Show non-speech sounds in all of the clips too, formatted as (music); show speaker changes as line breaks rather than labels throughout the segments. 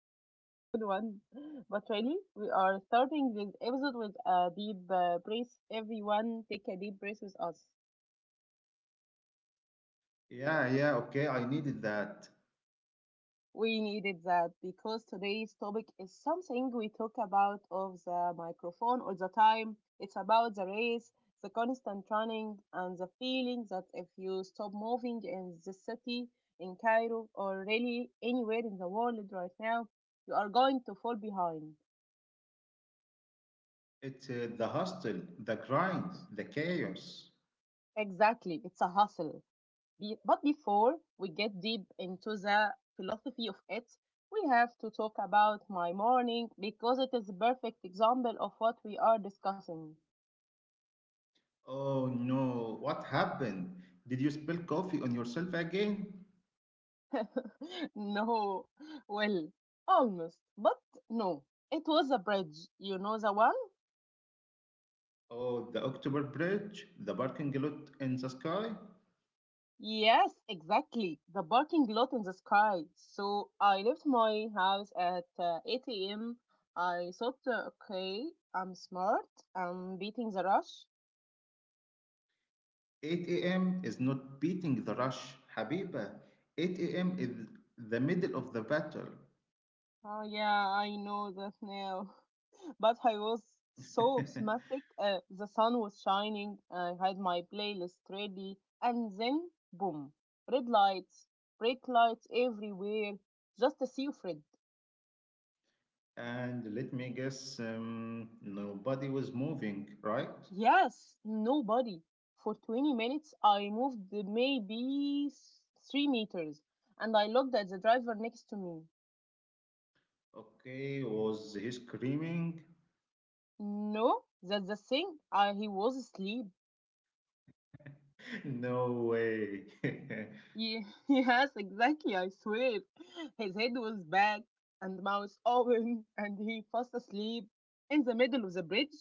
that's a good one. But really, we are starting this episode with a deep breath. Everyone, take a deep breath with us.
Yeah, yeah, okay, I needed that.
We needed that because today's topic is something we talk about of the microphone all the time. It's about the race, the constant running, and the feeling that if you stop moving in the city, in Cairo, or really anywhere in the world right now, you are going to fall behind.
It's the hustle, the grind, the chaos.
Exactly, it's a hustle. But before we get deep into the philosophy of it, we have to talk about my morning because it is a perfect example of what we are discussing.
Oh no, what happened? Did you spill coffee on yourself again?
(laughs) No, well, almost, but no. It was a bridge, you know the one?
Oh, the October Bridge, the parking lot in the sky?
Yes, exactly. The parking lot in the sky. So I left my house at 8 a.m. I thought, okay, I'm smart, I'm beating the rush.
8 a.m. is not beating the rush, Habiba. 8 a.m. is the middle of the battle.
Oh yeah, I know that now. (laughs) But I was so optimistic. The sun was shining. I had my playlist ready, and then boom, red lights, brake lights everywhere. Just a sea of red.
(laughs) And let me guess, nobody was moving, right?
Yes, nobody. For 20 minutes, I moved maybe 3 meters, and I looked at the driver next to me.
Okay, was he screaming?
No, that's the thing. He was asleep.
(laughs) No way.
(laughs) Yes, exactly. I swear. His head was back and mouth (laughs) open, and he fast asleep in the middle of the bridge.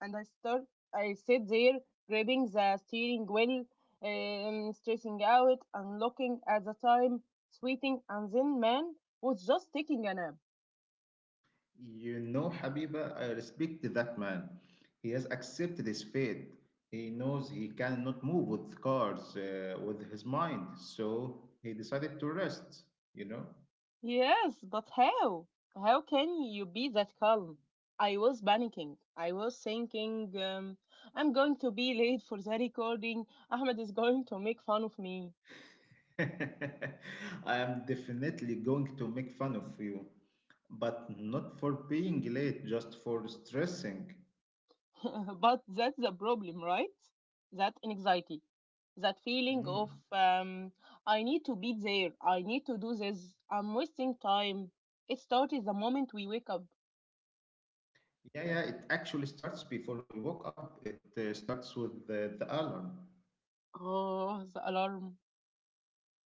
And I sit there grabbing the steering wheel, stressing out and looking at the time, sweating. And then man was just taking a nap.
(laughs) You know, Habiba, I respect that man. He has accepted his fate. He knows he cannot move with cars, with his mind. So he decided to rest, you know?
Yes, but how? How can you be that calm? I was panicking. I was thinking, I'm going to be late for the recording. Ahmed is going to make fun of me.
(laughs) I am definitely going to make fun of you, but not for being late, just for stressing.
(laughs) But that's the problem, right? That anxiety, that feeling
Mm.
of, I need to be there. I need to do this. I'm wasting time. It started the moment we wake up.
Yeah, yeah, it actually starts before we wake up. It starts with the alarm.
Oh, the alarm.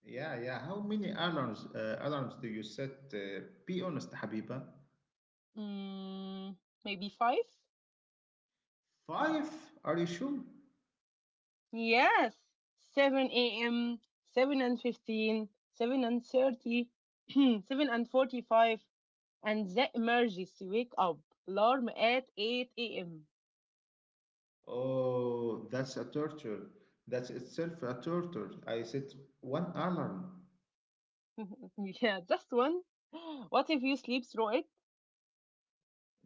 Yeah, yeah. How many alarms do you set? Be honest, Habiba.
Mm, Maybe five?
Five? Are you sure?
Yes, 7 a.m., 7:15, 7:30, (clears throat) 7:45, and the emergency wake up alarm at 8 a.m.
Oh, that's a torture. That's itself a torture. I set one alarm.
(laughs) Yeah, just one. (gasps) What if you sleep through it?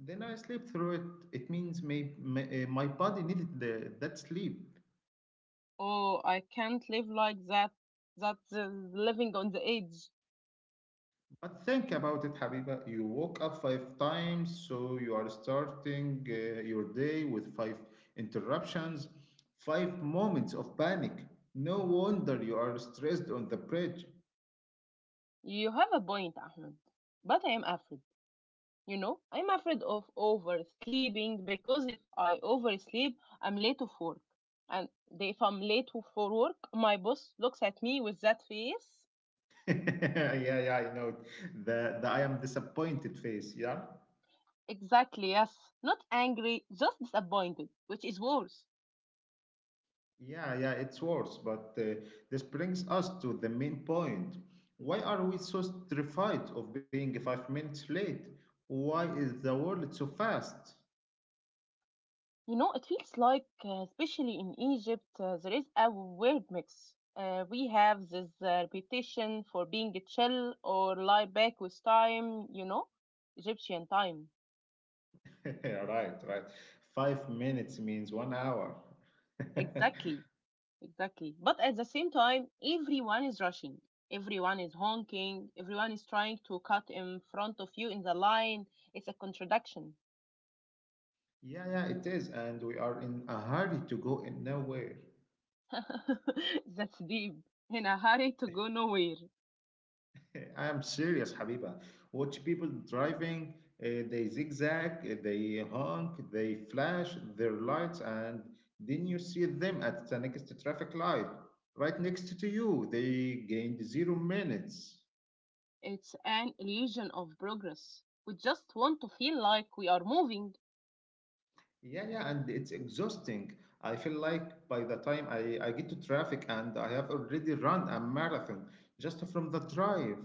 Then I sleep through it. It means my body needed that sleep.
Oh, I can't live like that. That's living on the edge.
But think about it, Habiba. You woke up five times, so you are starting your day with five interruptions, five moments of panic. No wonder you are stressed on the bridge.
You have a point, Ahmed. But I am afraid You know, I'm afraid of oversleeping because if I oversleep, I'm late of work. And if I'm late for work, my boss looks at me with that face.
(laughs) Yeah, yeah, I know. It. The I am disappointed face, yeah?
Exactly, yes. Not angry, just disappointed, which is worse.
Yeah, yeah, it's worse. But this brings us to the main point. Why are we so terrified of being 5 minutes late? Why is the world so fast?
It feels like, especially in Egypt, there is a weird mix. We have this reputation for being chill or lie back with time, Egyptian time.
(laughs) Right, right. 5 minutes means 1 hour. (laughs) Yeah,
Exactly. Exactly. But at the same time, everyone is rushing. Everyone is honking. Everyone is trying to cut in front of you in the line. It's a contradiction.
yeah, it is. And we are in a hurry to go in nowhere.
(laughs) That's deep. In a hurry to go nowhere.
Eh, I am serious, Habiba. Watch people driving, they zigzag, they honk, they flash their lights, and then you see them at the next traffic light, right next to you. They gained 0 minutes.
It's an illusion of progress. We just want to feel like we are moving.
Yeah, yeah, and it's exhausting. I feel like by the time I get to traffic and I have already run a marathon just from the drive.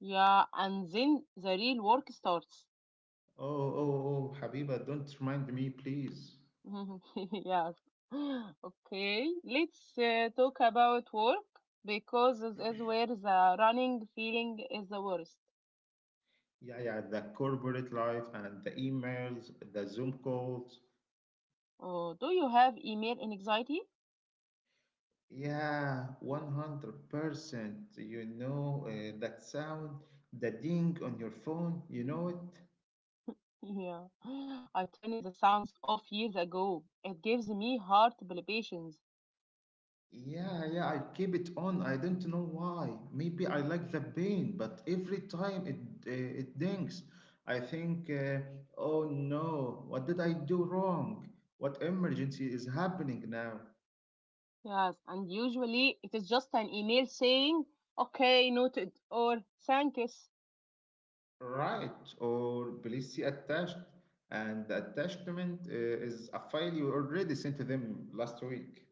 Yeah, and then the real work starts.
Oh, oh, oh, Habiba, don't remind me, please.
(laughs) Yes. Okay, let's talk about work because this is where the running feeling is the worst.
Yeah, yeah, the corporate life and the emails, the Zoom calls.
Oh, do you have email anxiety? (laughs)
Yeah, 100%. You know that sound, the ding on your phone, you know it?
Yeah, I turned the sounds off years ago. It gives me heart palpitations.
Yeah, yeah, I keep it on. I don't know why. Maybe I like the pain, but every time it it dings, I think, oh no, what did I do wrong? What emergency is happening now?
Yes, and usually it is just an email saying, okay, noted, or thank yous.
Right, or please see attached. And the attachment is a file you already sent to them last week.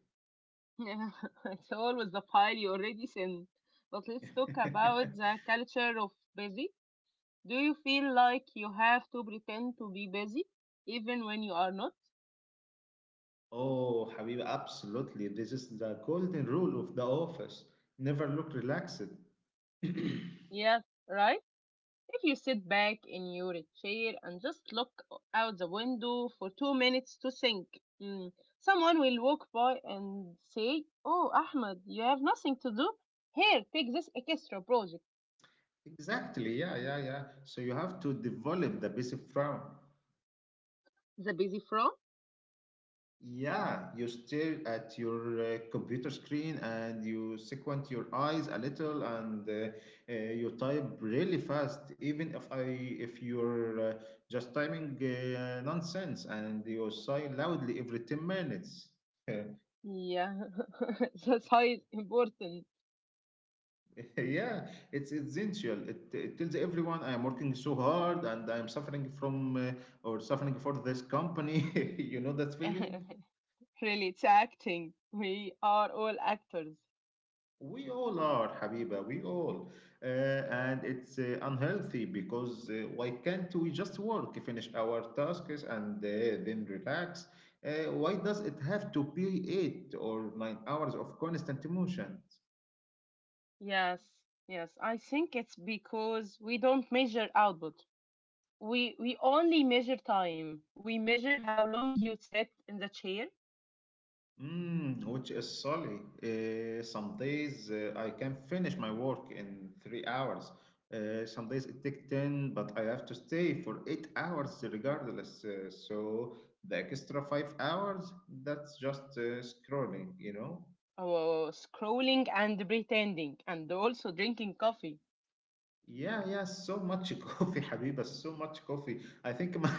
(laughs) Yeah, it's always the file you already sent. But let's talk about
(laughs)
the culture of busy. Do you feel like you have to pretend to be busy even when you are not?
Oh, Habiba, absolutely. This is the golden rule of the office. Never look relaxed. (clears throat)
Yeah, right? If you sit back in your chair and just look out the window for 2 minutes to think, mm, someone will walk by and say, oh, Ahmed, you have nothing to do? Here, take this extra project.
Exactly. Yeah, yeah, yeah. So you have to develop the basic frown.
The busy from?
Yeah, you stare at your computer screen and you squint your eyes a little and you type really fast, even if you're just typing nonsense and you sigh loudly every 10 minutes. (laughs)
Yeah, (laughs) that's how it's important.
Yeah, it's essential. It tells everyone I am working so hard and I am suffering from or suffering for this company. (laughs) You know that feeling?
(laughs) Really, it's acting. We are all actors.
We all are, Habiba, we all. And it's unhealthy because why can't we just work, finish our tasks, and then relax? Why does it have to be 8 or 9 hours of constant motion?
Yes, yes. I think it's because we don't measure output. We only measure time. We measure how long you sit in the chair,
Mm, which is solid. Some days I can finish my work in 3 hours. Some days it takes 10, but I have to stay for 8 hours regardless. So the extra 5 hours, that's just scrolling, you know?
or scrolling and pretending, and also drinking coffee.
Yeah, yeah, so much (laughs) coffee, Habiba, so much coffee.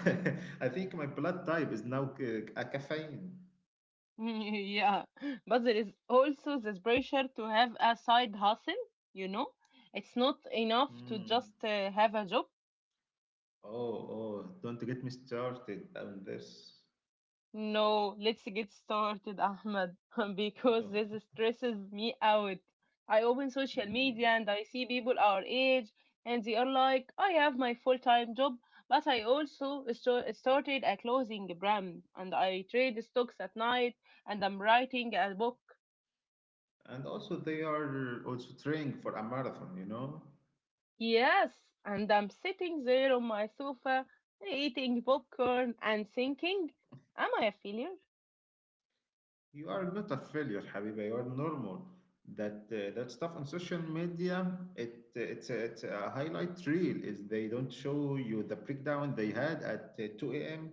(laughs) I think my blood type is now a caffeine.
(laughs) Yeah, but there is also this pressure to have a side hustle. You know, it's not enough to
Mm.
just have a job.
Oh, oh, don't get me started on this.
No, let's get started, Ahmed, (laughs) because this
Oh.
stresses me out. I open social
Mm.
media and I see people our age, and they are like, I have my full-time job, but I also started a clothing brand, and I trade stocks at night, and I'm writing a book.
And also, they are also training for a marathon, you know?
Yes, and I'm sitting there on my sofa, eating popcorn and thinking, am I a failure?
You are not a failure, Habiba. You are normal. That stuff on social media, it it's a highlight reel. Is they don't show you the breakdown they had at 2 a.m.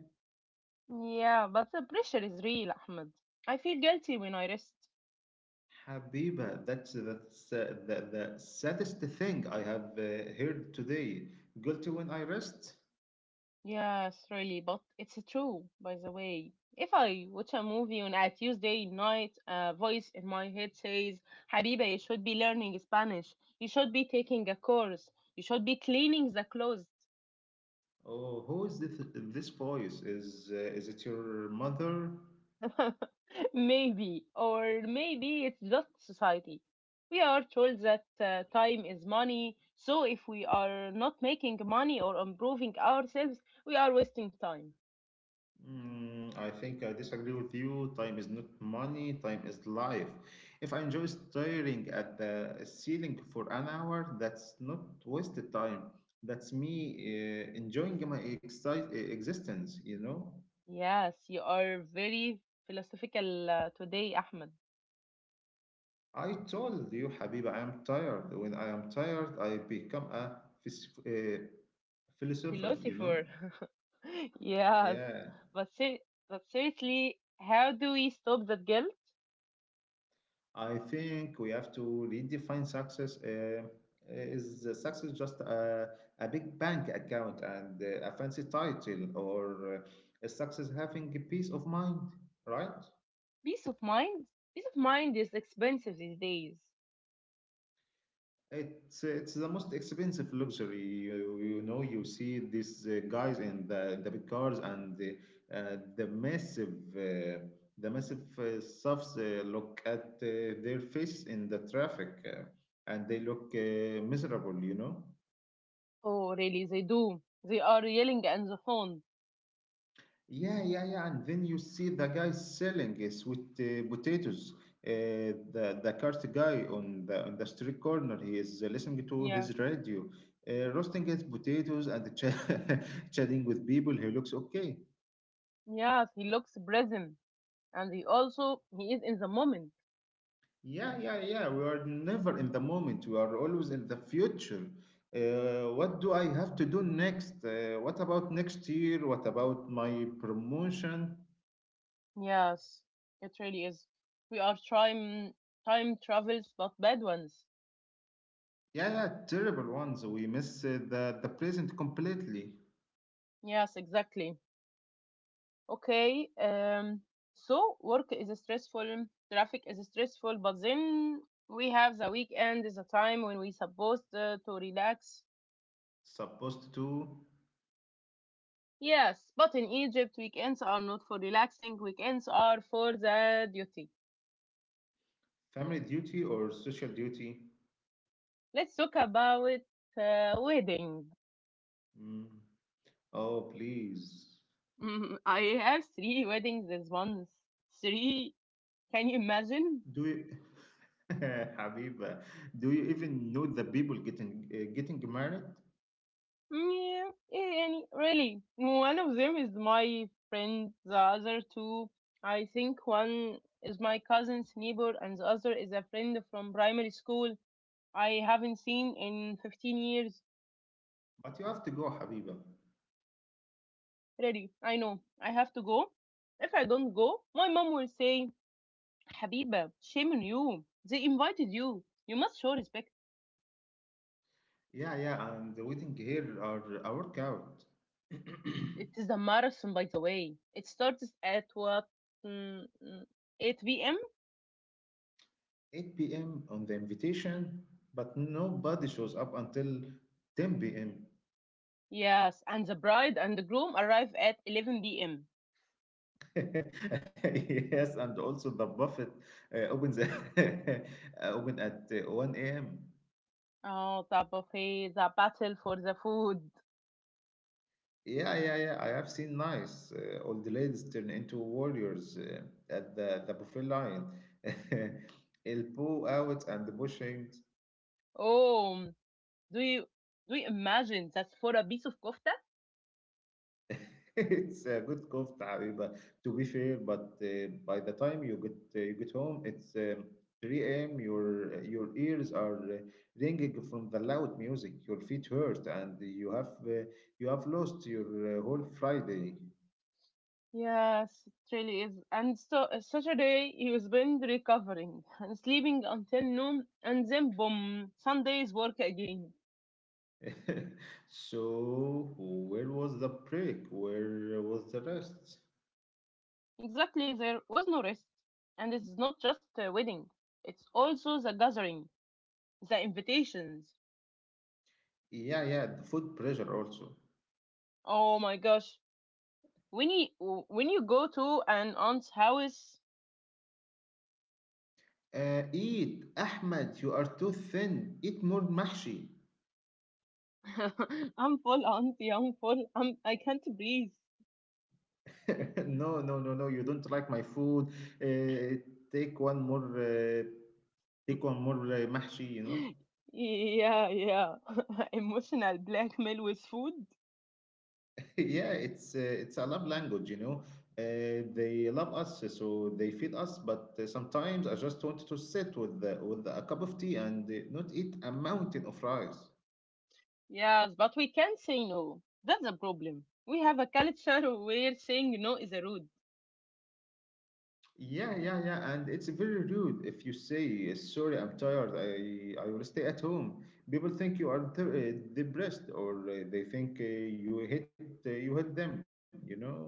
Yeah, but the pressure is real, Ahmed. I feel guilty when I rest.
Habiba, that's the saddest thing I have heard today. Guilty when I rest.
Yes, really, but it's true, by the way. If I watch a movie on a Tuesday night, a voice in my head says, Habiba, you should be learning Spanish. You should be taking a course. You should be cleaning the clothes.
Oh, who is this? This voice is it your mother?
(laughs) Maybe, or maybe it's just society. We are told that time is money, so if we are not making money or improving ourselves, we are wasting time.
Mm, I think I disagree with you. Time is not money, time is life. If I enjoy staring at the ceiling for an hour, that's not wasted time. That's me enjoying my existence, you know?
Yes, you are very philosophical today, Ahmed.
I told you, Habiba, I'm tired. When I am tired, I become a philosopher, you know?
Philosopher. (laughs) Yes,
Yeah.
but seriously, how do we stop that guilt?
I think we have to redefine success. Is the success just a big bank account and a fancy title, or is success having a peace of mind? Right?
Peace of mind. Peace of mind is expensive these days.
It's the most expensive luxury. You know, you see these guys in the big cars and the massive. The massive stuffs look at their faces in the traffic and they look miserable, you know.
Oh, really? They do. They are yelling on the phone.
Yeah, yeah, yeah. And then you see the guy selling sweet potatoes. The cart guy on the street corner. He is listening to
Yeah.
his radio, roasting his potatoes and (laughs) chatting with people. He looks okay.
Yes, he looks present, and he is in the moment.
Yeah, yeah, yeah. We are never in the moment. We are always in the future. What do I have to do next? What about next year? What about my promotion?
Yes, it really is. We are time travels, but bad ones.
Yeah, yeah, terrible ones. We miss the present completely.
Yes, exactly. Okay. So work is stressful, traffic is stressful, but then we have the weekend is a time when we supposed to relax.
Supposed to
Yes, but in Egypt, weekends are not for relaxing. Weekends are for the duty.
family duty or social duty?
Let's talk about wedding.
Mm. Oh, please.
(laughs) I have three weddings this month. Three? Can you imagine?
Do you, (laughs) Habiba, do you even know the people getting married?
Yeah, and really, one of them is my friend. The other two, I think one is my cousin's neighbor, and the other is a friend from primary school I haven't seen in 15 years.
But you have to go, Habiba.
Really, I know I have to go. If I don't go, my mom will say, Habiba, shame on you. They invited you. You must show respect.
Yeah, yeah, and waiting here are a workout. (clears throat)
It is a marathon, by the way. It starts at what? Mm, mm, 8 p.m.
8 p.m. on the invitation, but nobody shows up until 10 p.m.
Yes, and the bride and the groom arrive at 11 p.m.
(laughs) Yes, and also the buffet opens (laughs) open at 1 a.m.
Oh, the buffet, the battle for the food.
Yeah, yeah, yeah. I have seen nice. Old ladies turn into warriors at the buffet line. (laughs) Elbow out and pushing.
Oh, do you do you imagine that's for a piece of kofta?
(laughs) It's a good kofta, Habiba. To be fair, but by the time you get home, it's 3 a.m. Your ears are ringing from the loud music. Your feet hurt, and you have lost your whole Friday.
Yes, it really is. And so Saturday he was been recovering and sleeping until noon, and then boom, Sunday's work again.
(laughs) So where was the break? Where was the rest?
Exactly, there was no rest, and it's not just a wedding; it's also the gathering, the invitations.
Yeah, yeah. The food pressure also.
Oh my gosh, when you when you go to an aunt's house
Eat, Ahmed. You are too thin. Eat more mahshi.
(laughs) I'm full, auntie, I'm full. I can't breathe.
(laughs) No, no, no, no. You don't like my food. Uh, Take one more. Take one more mahshi. You know.
(laughs) Yeah, yeah. (laughs) Emotional blackmail with food.
(laughs) Yeah, it's a love language. You know. They love us, so they feed us. But sometimes I just want to sit with a cup of tea and not eat a mountain of rice.
Yes, but we can say no. That's a problem. We have a culture where saying no is rude.
Yeah, yeah, yeah, and it's very rude if you say, "Sorry, I'm tired. I will stay at home." People think you are depressed, or they think you hit them. You know.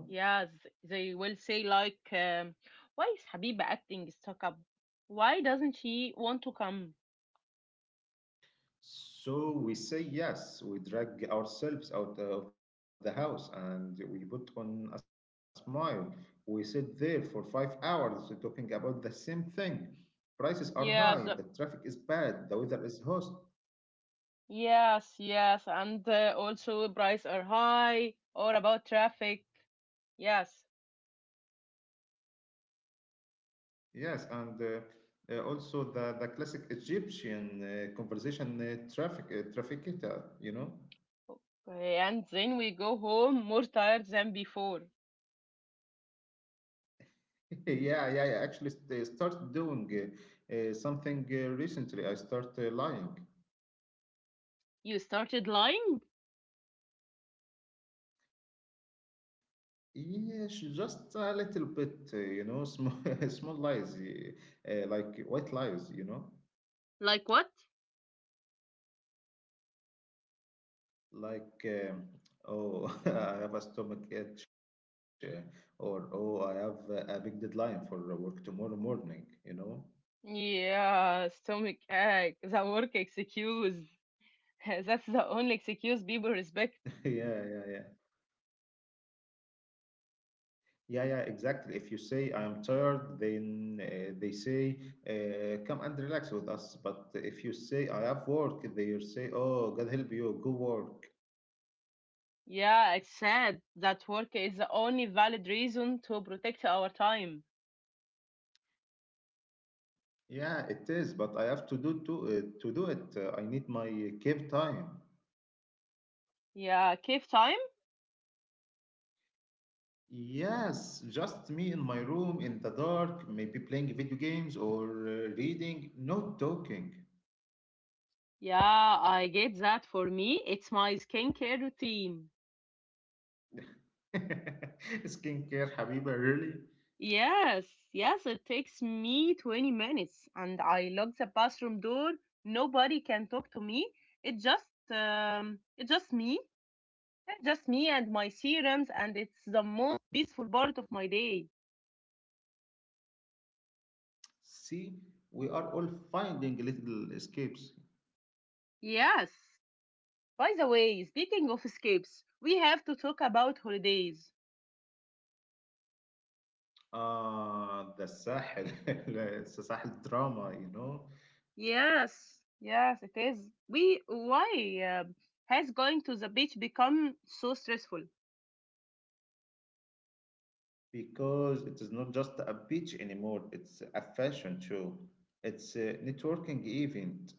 Yes, they will say, like, why is Habiba acting stuck up? Why doesn't she want to come?
So we say yes. We drag ourselves out of the house, and we put on a smile. We sit there for 5 hours talking about the same thing. Prices are high. The traffic
Yes.
is bad. The weather is hot.
Yes, yes, and also prices are high or about traffic. Yes.
Yes, and also the classic Egyptian conversation traffic trafficator, you know?
Okay, and then we go home more tired than before.
(laughs) Yeah, yeah, yeah. Actually, start doing something recently. I start lying.
You started lying?
Yes, just a little bit, you know, small (laughs) small lies, like white lies, you know,
Like what?
like oh, (laughs) I have a stomach itch, or oh, I have a big deadline for work tomorrow morning, you know.
Yeah, stomach ache, the work excuse. (laughs) That's the only excuse people
(laughs) Yeah,
respect.
yeah, yeah. Yeah, yeah, exactly. If you say I am tired, then they say come and relax with us. But if you say I have work, they say oh God help you, go work.
Yeah, it's sad that work is the only valid reason to protect our time.
Yeah, it is, but I have to do it. I need my cave time.
Yeah, cave time?
Yes, just me in my room in the dark, maybe playing video games or reading, no talking.
Yeah, I get that. For me, it's my skincare routine.
(laughs) Skincare, Habiba, really?
Yes, yes, it takes me 20 minutes and I lock the bathroom door. Nobody can talk to me. It just it's just me and my serums, and it's the most peaceful part of my day.
See, we are all finding little escapes.
Yes. By the way, speaking of escapes, we have to talk about holidays.
The Sahel, (laughs) it's a Sahel drama, you know,
Yes. Yes, it is. We why has going to the beach become so stressful?
because it is not just a beach anymore, it's a fashion show, it's a networking event.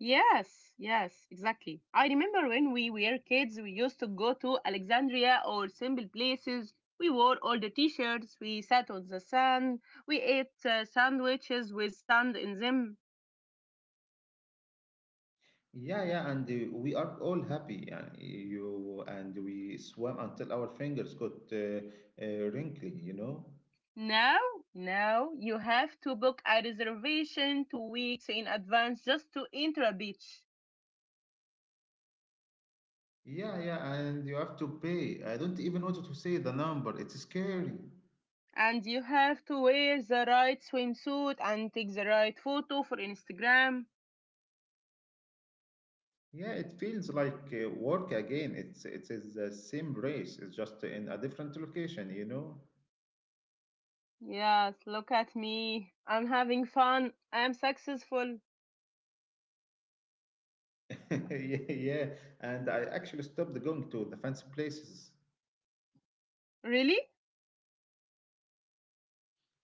Yes, yes, exactly. I remember when we were kids, we used to go to Alexandria or simple places. We wore all the t-shirts, we sat on the sand, we ate sandwiches with sand in them.
Yeah, yeah, and we are all happy, and we swam until our fingers got uh, wrinkly, you know.
Now, now you have to book a reservation 2 weeks in advance just to enter a beach.
Yeah, yeah, and you have to pay. I don't even want to say the number. It's scary.
And you have to wear the right swimsuit and take the right photo for Instagram.
Yeah, it feels like work again. It is the same race. It's just in a different location, you know.
Yes, look at me. I'm having fun. I'm successful.
(laughs) Yeah, yeah. And I actually stopped going to the fancy places.
Really?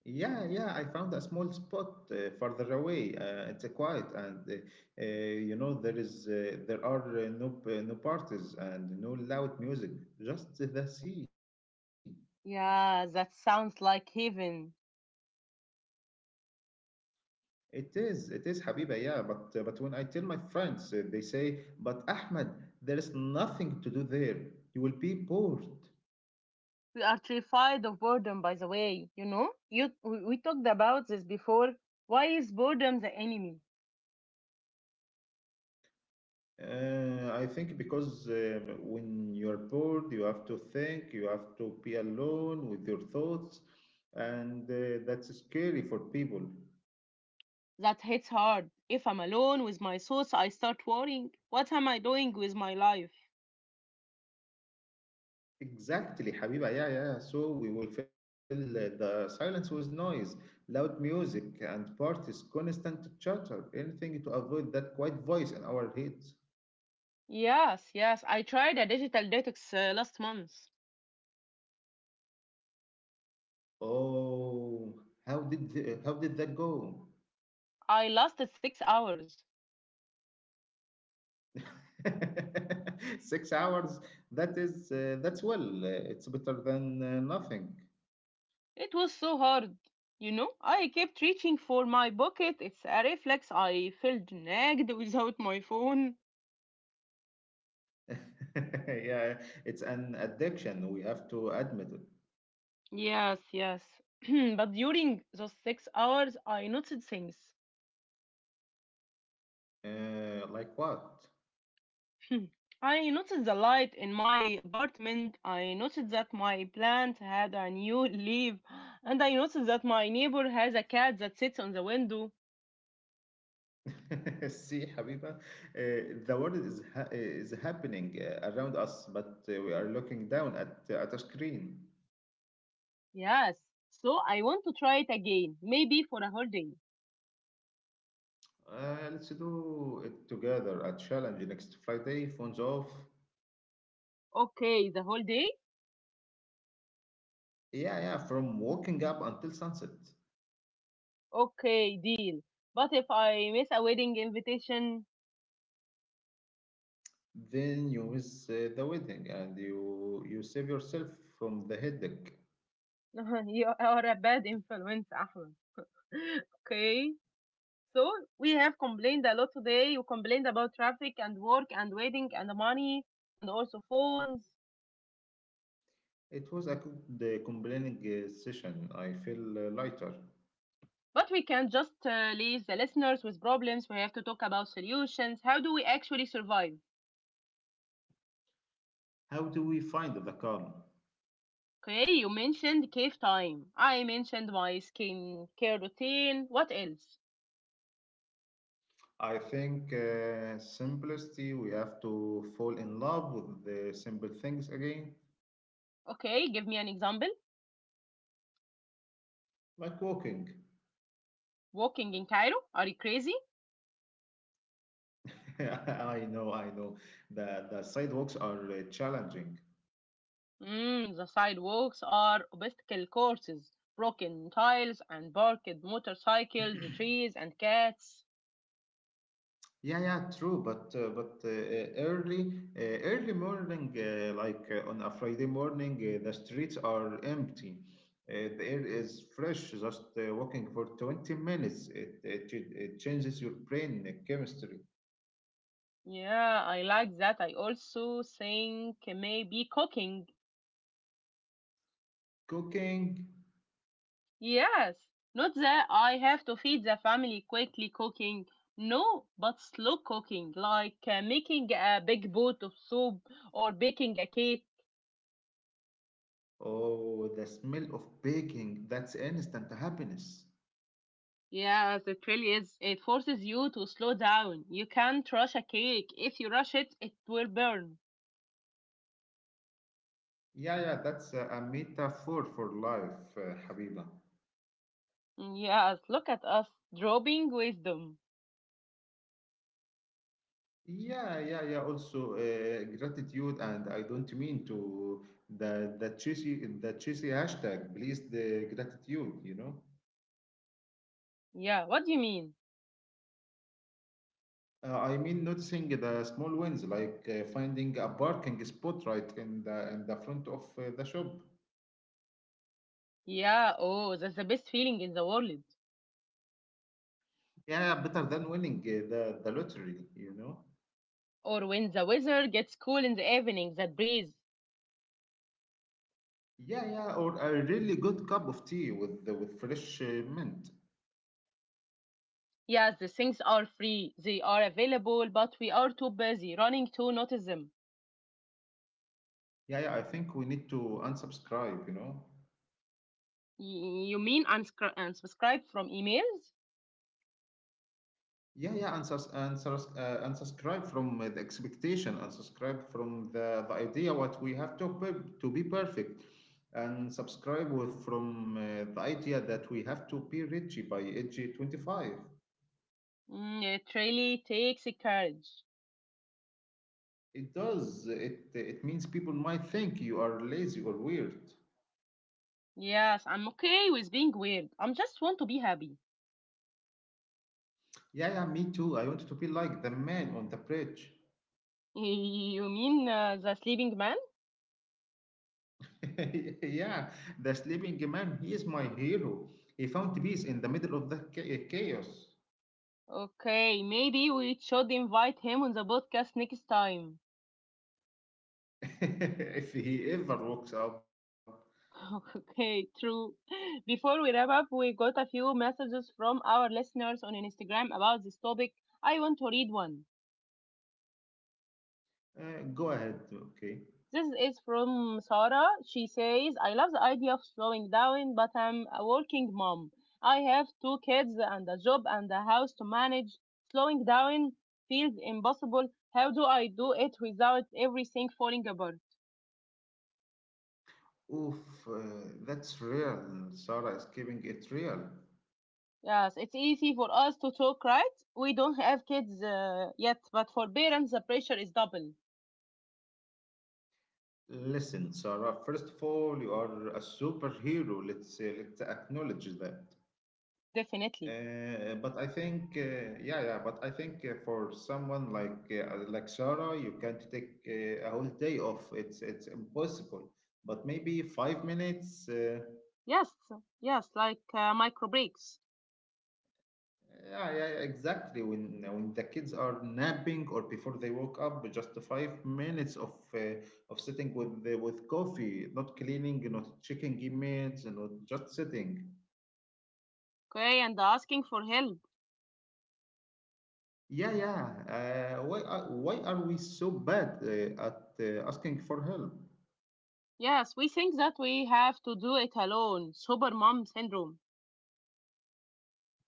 Yeah, yeah. I found a small spot further away. It's quiet, and there is there are no parties and no loud music. Just the sea.
Yeah, that sounds like heaven.
It is, Habiba, yeah. But when I tell my friends, they say, "But Ahmed, there is nothing to do there. You will be bored."
We are terrified of boredom, by the way. You know, you we talked about this before. Why is boredom the enemy?
I think because when you're bored, you have to think, you have to be alone with your thoughts, and that's scary for people.
That hits hard. If I'm alone with my thoughts, I start worrying. What am I doing with my life?
Exactly, Habiba, yeah, yeah, yeah. So we will fill the silence with noise, loud music, and parties, constant chatter, anything to avoid that quiet voice in our heads.
Yes, yes. I tried a digital detox last month.
Oh, how did that go?
I lasted 6 hours.
(laughs) 6 hours. That is that's well. It's better than nothing. (laughs)
It was so hard. You know, I kept reaching for my pocket. It's a reflex. I felt nagged without my phone.
Yeah, it's an addiction. We have to admit it.
Yes, yes. (clears throat) But during those 6 hours, I noted things.
Like what?
(clears throat) I noticed the light in my apartment. I noticed that my plant had a new leaf. (gasps) And I noticed that my neighbor has a cat that sits on the window.
(laughs) See, Habiba, the world is happening around us, but we are looking down at a screen.
Yes. So I want to try it again, maybe for a whole day.
Let's do it together. A challenge next Friday. Phones off.
Okay, the whole day?
Yeah, yeah, from waking up until sunset.
Okay, deal. But if I miss a wedding invitation,
Then you miss the wedding and you save yourself from the headache.
(laughs) you are a bad influence, Ahmed. Okay? So we have complained a lot today. We complained about traffic and work and waiting and the money and also phones.
It was a good complaining session. I feel lighter.
But we can't just leave the listeners with problems. We have to talk about solutions. How do we actually survive?
How do we find the calm?
Okay, you mentioned cave time. I mentioned my skin care routine. What else?
I think simplicity, we have to fall in love with the simple things again,
Okay, give me an example.
like walking.
Walking in Cairo? Are you crazy?
(laughs) I know, I know. The sidewalks are challenging.
Mm, the sidewalks are obstacle courses, broken tiles and parked motorcycles, trees and cats.
Yeah, yeah, true. But early morning, like on a Friday morning, the streets are empty. The air is fresh. Just walking for 20 minutes, it changes your brain chemistry.
Yeah, I like that. I also think maybe cooking.
Cooking,
Yes, not that I have to feed the family quickly cooking. No, but slow cooking, like making a big pot of soup or baking a cake.
oh, the smell of baking, that's instant happiness.
Yes, it really is. It forces you to slow down. You can't rush a cake. If you rush it, it will burn.
Yeah, yeah, that's a metaphor for life, Habiba.
Yes, look at us, dropping wisdom.
Yeah, yeah, yeah. Also, gratitude, and I don't mean to the cheesy hashtag. Please, the gratitude. You know,
Yeah, what do you mean?
I mean noticing the small wins, like finding a parking spot right in the front of the shop.
Yeah, oh, that's the best feeling in the world.
Yeah, yeah, better than winning the lottery, you know.
Or when the weather gets cool in the evening, that breeze.
Yeah, yeah, or a really good cup of tea with fresh mint.
Yes, the things are free, they are available, but we are too busy running to notice them.
Yeah, yeah. I think we need to unsubscribe, you know.
You mean unsubscribe from emails?
Yeah, yeah, and unsubscribe from the expectation, unsubscribe from the idea what we have to be perfect, and subscribe with from the idea that we have to be rich by age 25.
Mm, it really takes courage.
It does. It means people might think you are lazy or weird.
Yes, I'm okay with being weird. I am just want to be happy.
Yeah, yeah, me too. I wanted to be like the man on the bridge.
(laughs) You mean the sleeping man?
(laughs) Yeah, the sleeping man. He is my hero. He found peace in the middle of the chaos.
Okay, maybe we should invite him on the podcast next time.
(laughs) If he ever walks up,
Okay, true. (laughs) Before we wrap up, we got a few messages from our listeners on Instagram about this topic. I want to read one.
go ahead, okay?
This is from Sarah. She says, I love the idea of slowing down, but I'm a working mom. I have two kids and a job and a house to manage. Slowing down feels impossible. How do I do it without everything falling apart?
Oof, uh, that's real. Sarah is keeping it real.
Yes, it's easy for us to talk, right? We don't have kids yet, but for parents, the pressure is double.
Listen, Sarah, first of all, you are a superhero. Let's acknowledge that.
Definitely.
But I think, yeah, yeah, but I think for someone like Sarah, you can't take a whole day off. It's impossible. But maybe 5 minutes.
Yes, yes, like micro breaks.
Yeah, yeah, yeah, exactly. When the kids are napping or before they woke up, just 5 minutes of sitting with coffee, not cleaning, not checking emails, not just sitting.
Okay, and asking for help.
Yeah, yeah. Why are we so bad at asking for help?
Yes, we think that we have to do it alone. Super mom syndrome.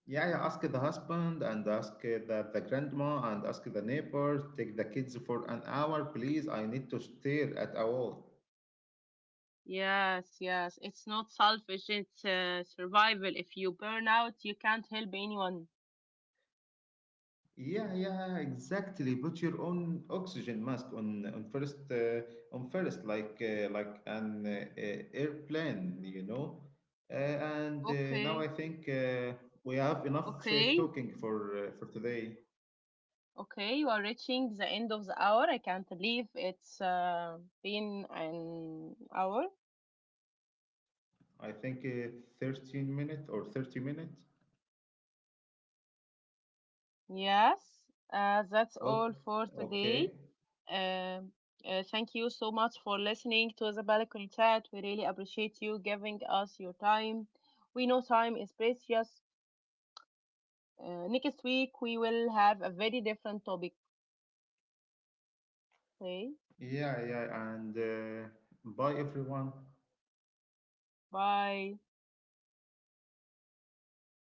Yeah, yeah. Ask the husband and ask the grandma and ask the neighbors. Take the kids for an hour, please. I need to stare at a wall.
Yes, yes, it's not selfish, it's survival. If you burn out, you can't help anyone.
Yeah, yeah, exactly. Put your own oxygen mask on first like an airplane, you know. Uh, and Now I
Okay,
think we have enough
okay,
talking for today.
okay, you are reaching the end of the hour. I can't believe it's been an hour.
I think 13 minutes or 30 minutes.
Yes, that's all
Okay.
for today.
Okay.
Um, thank you so much for listening to The Balcony Chat. We really appreciate you giving us your time. We know time is precious. Next week we will have a very different topic. Okay,
Yeah, yeah, and bye everyone.
bye.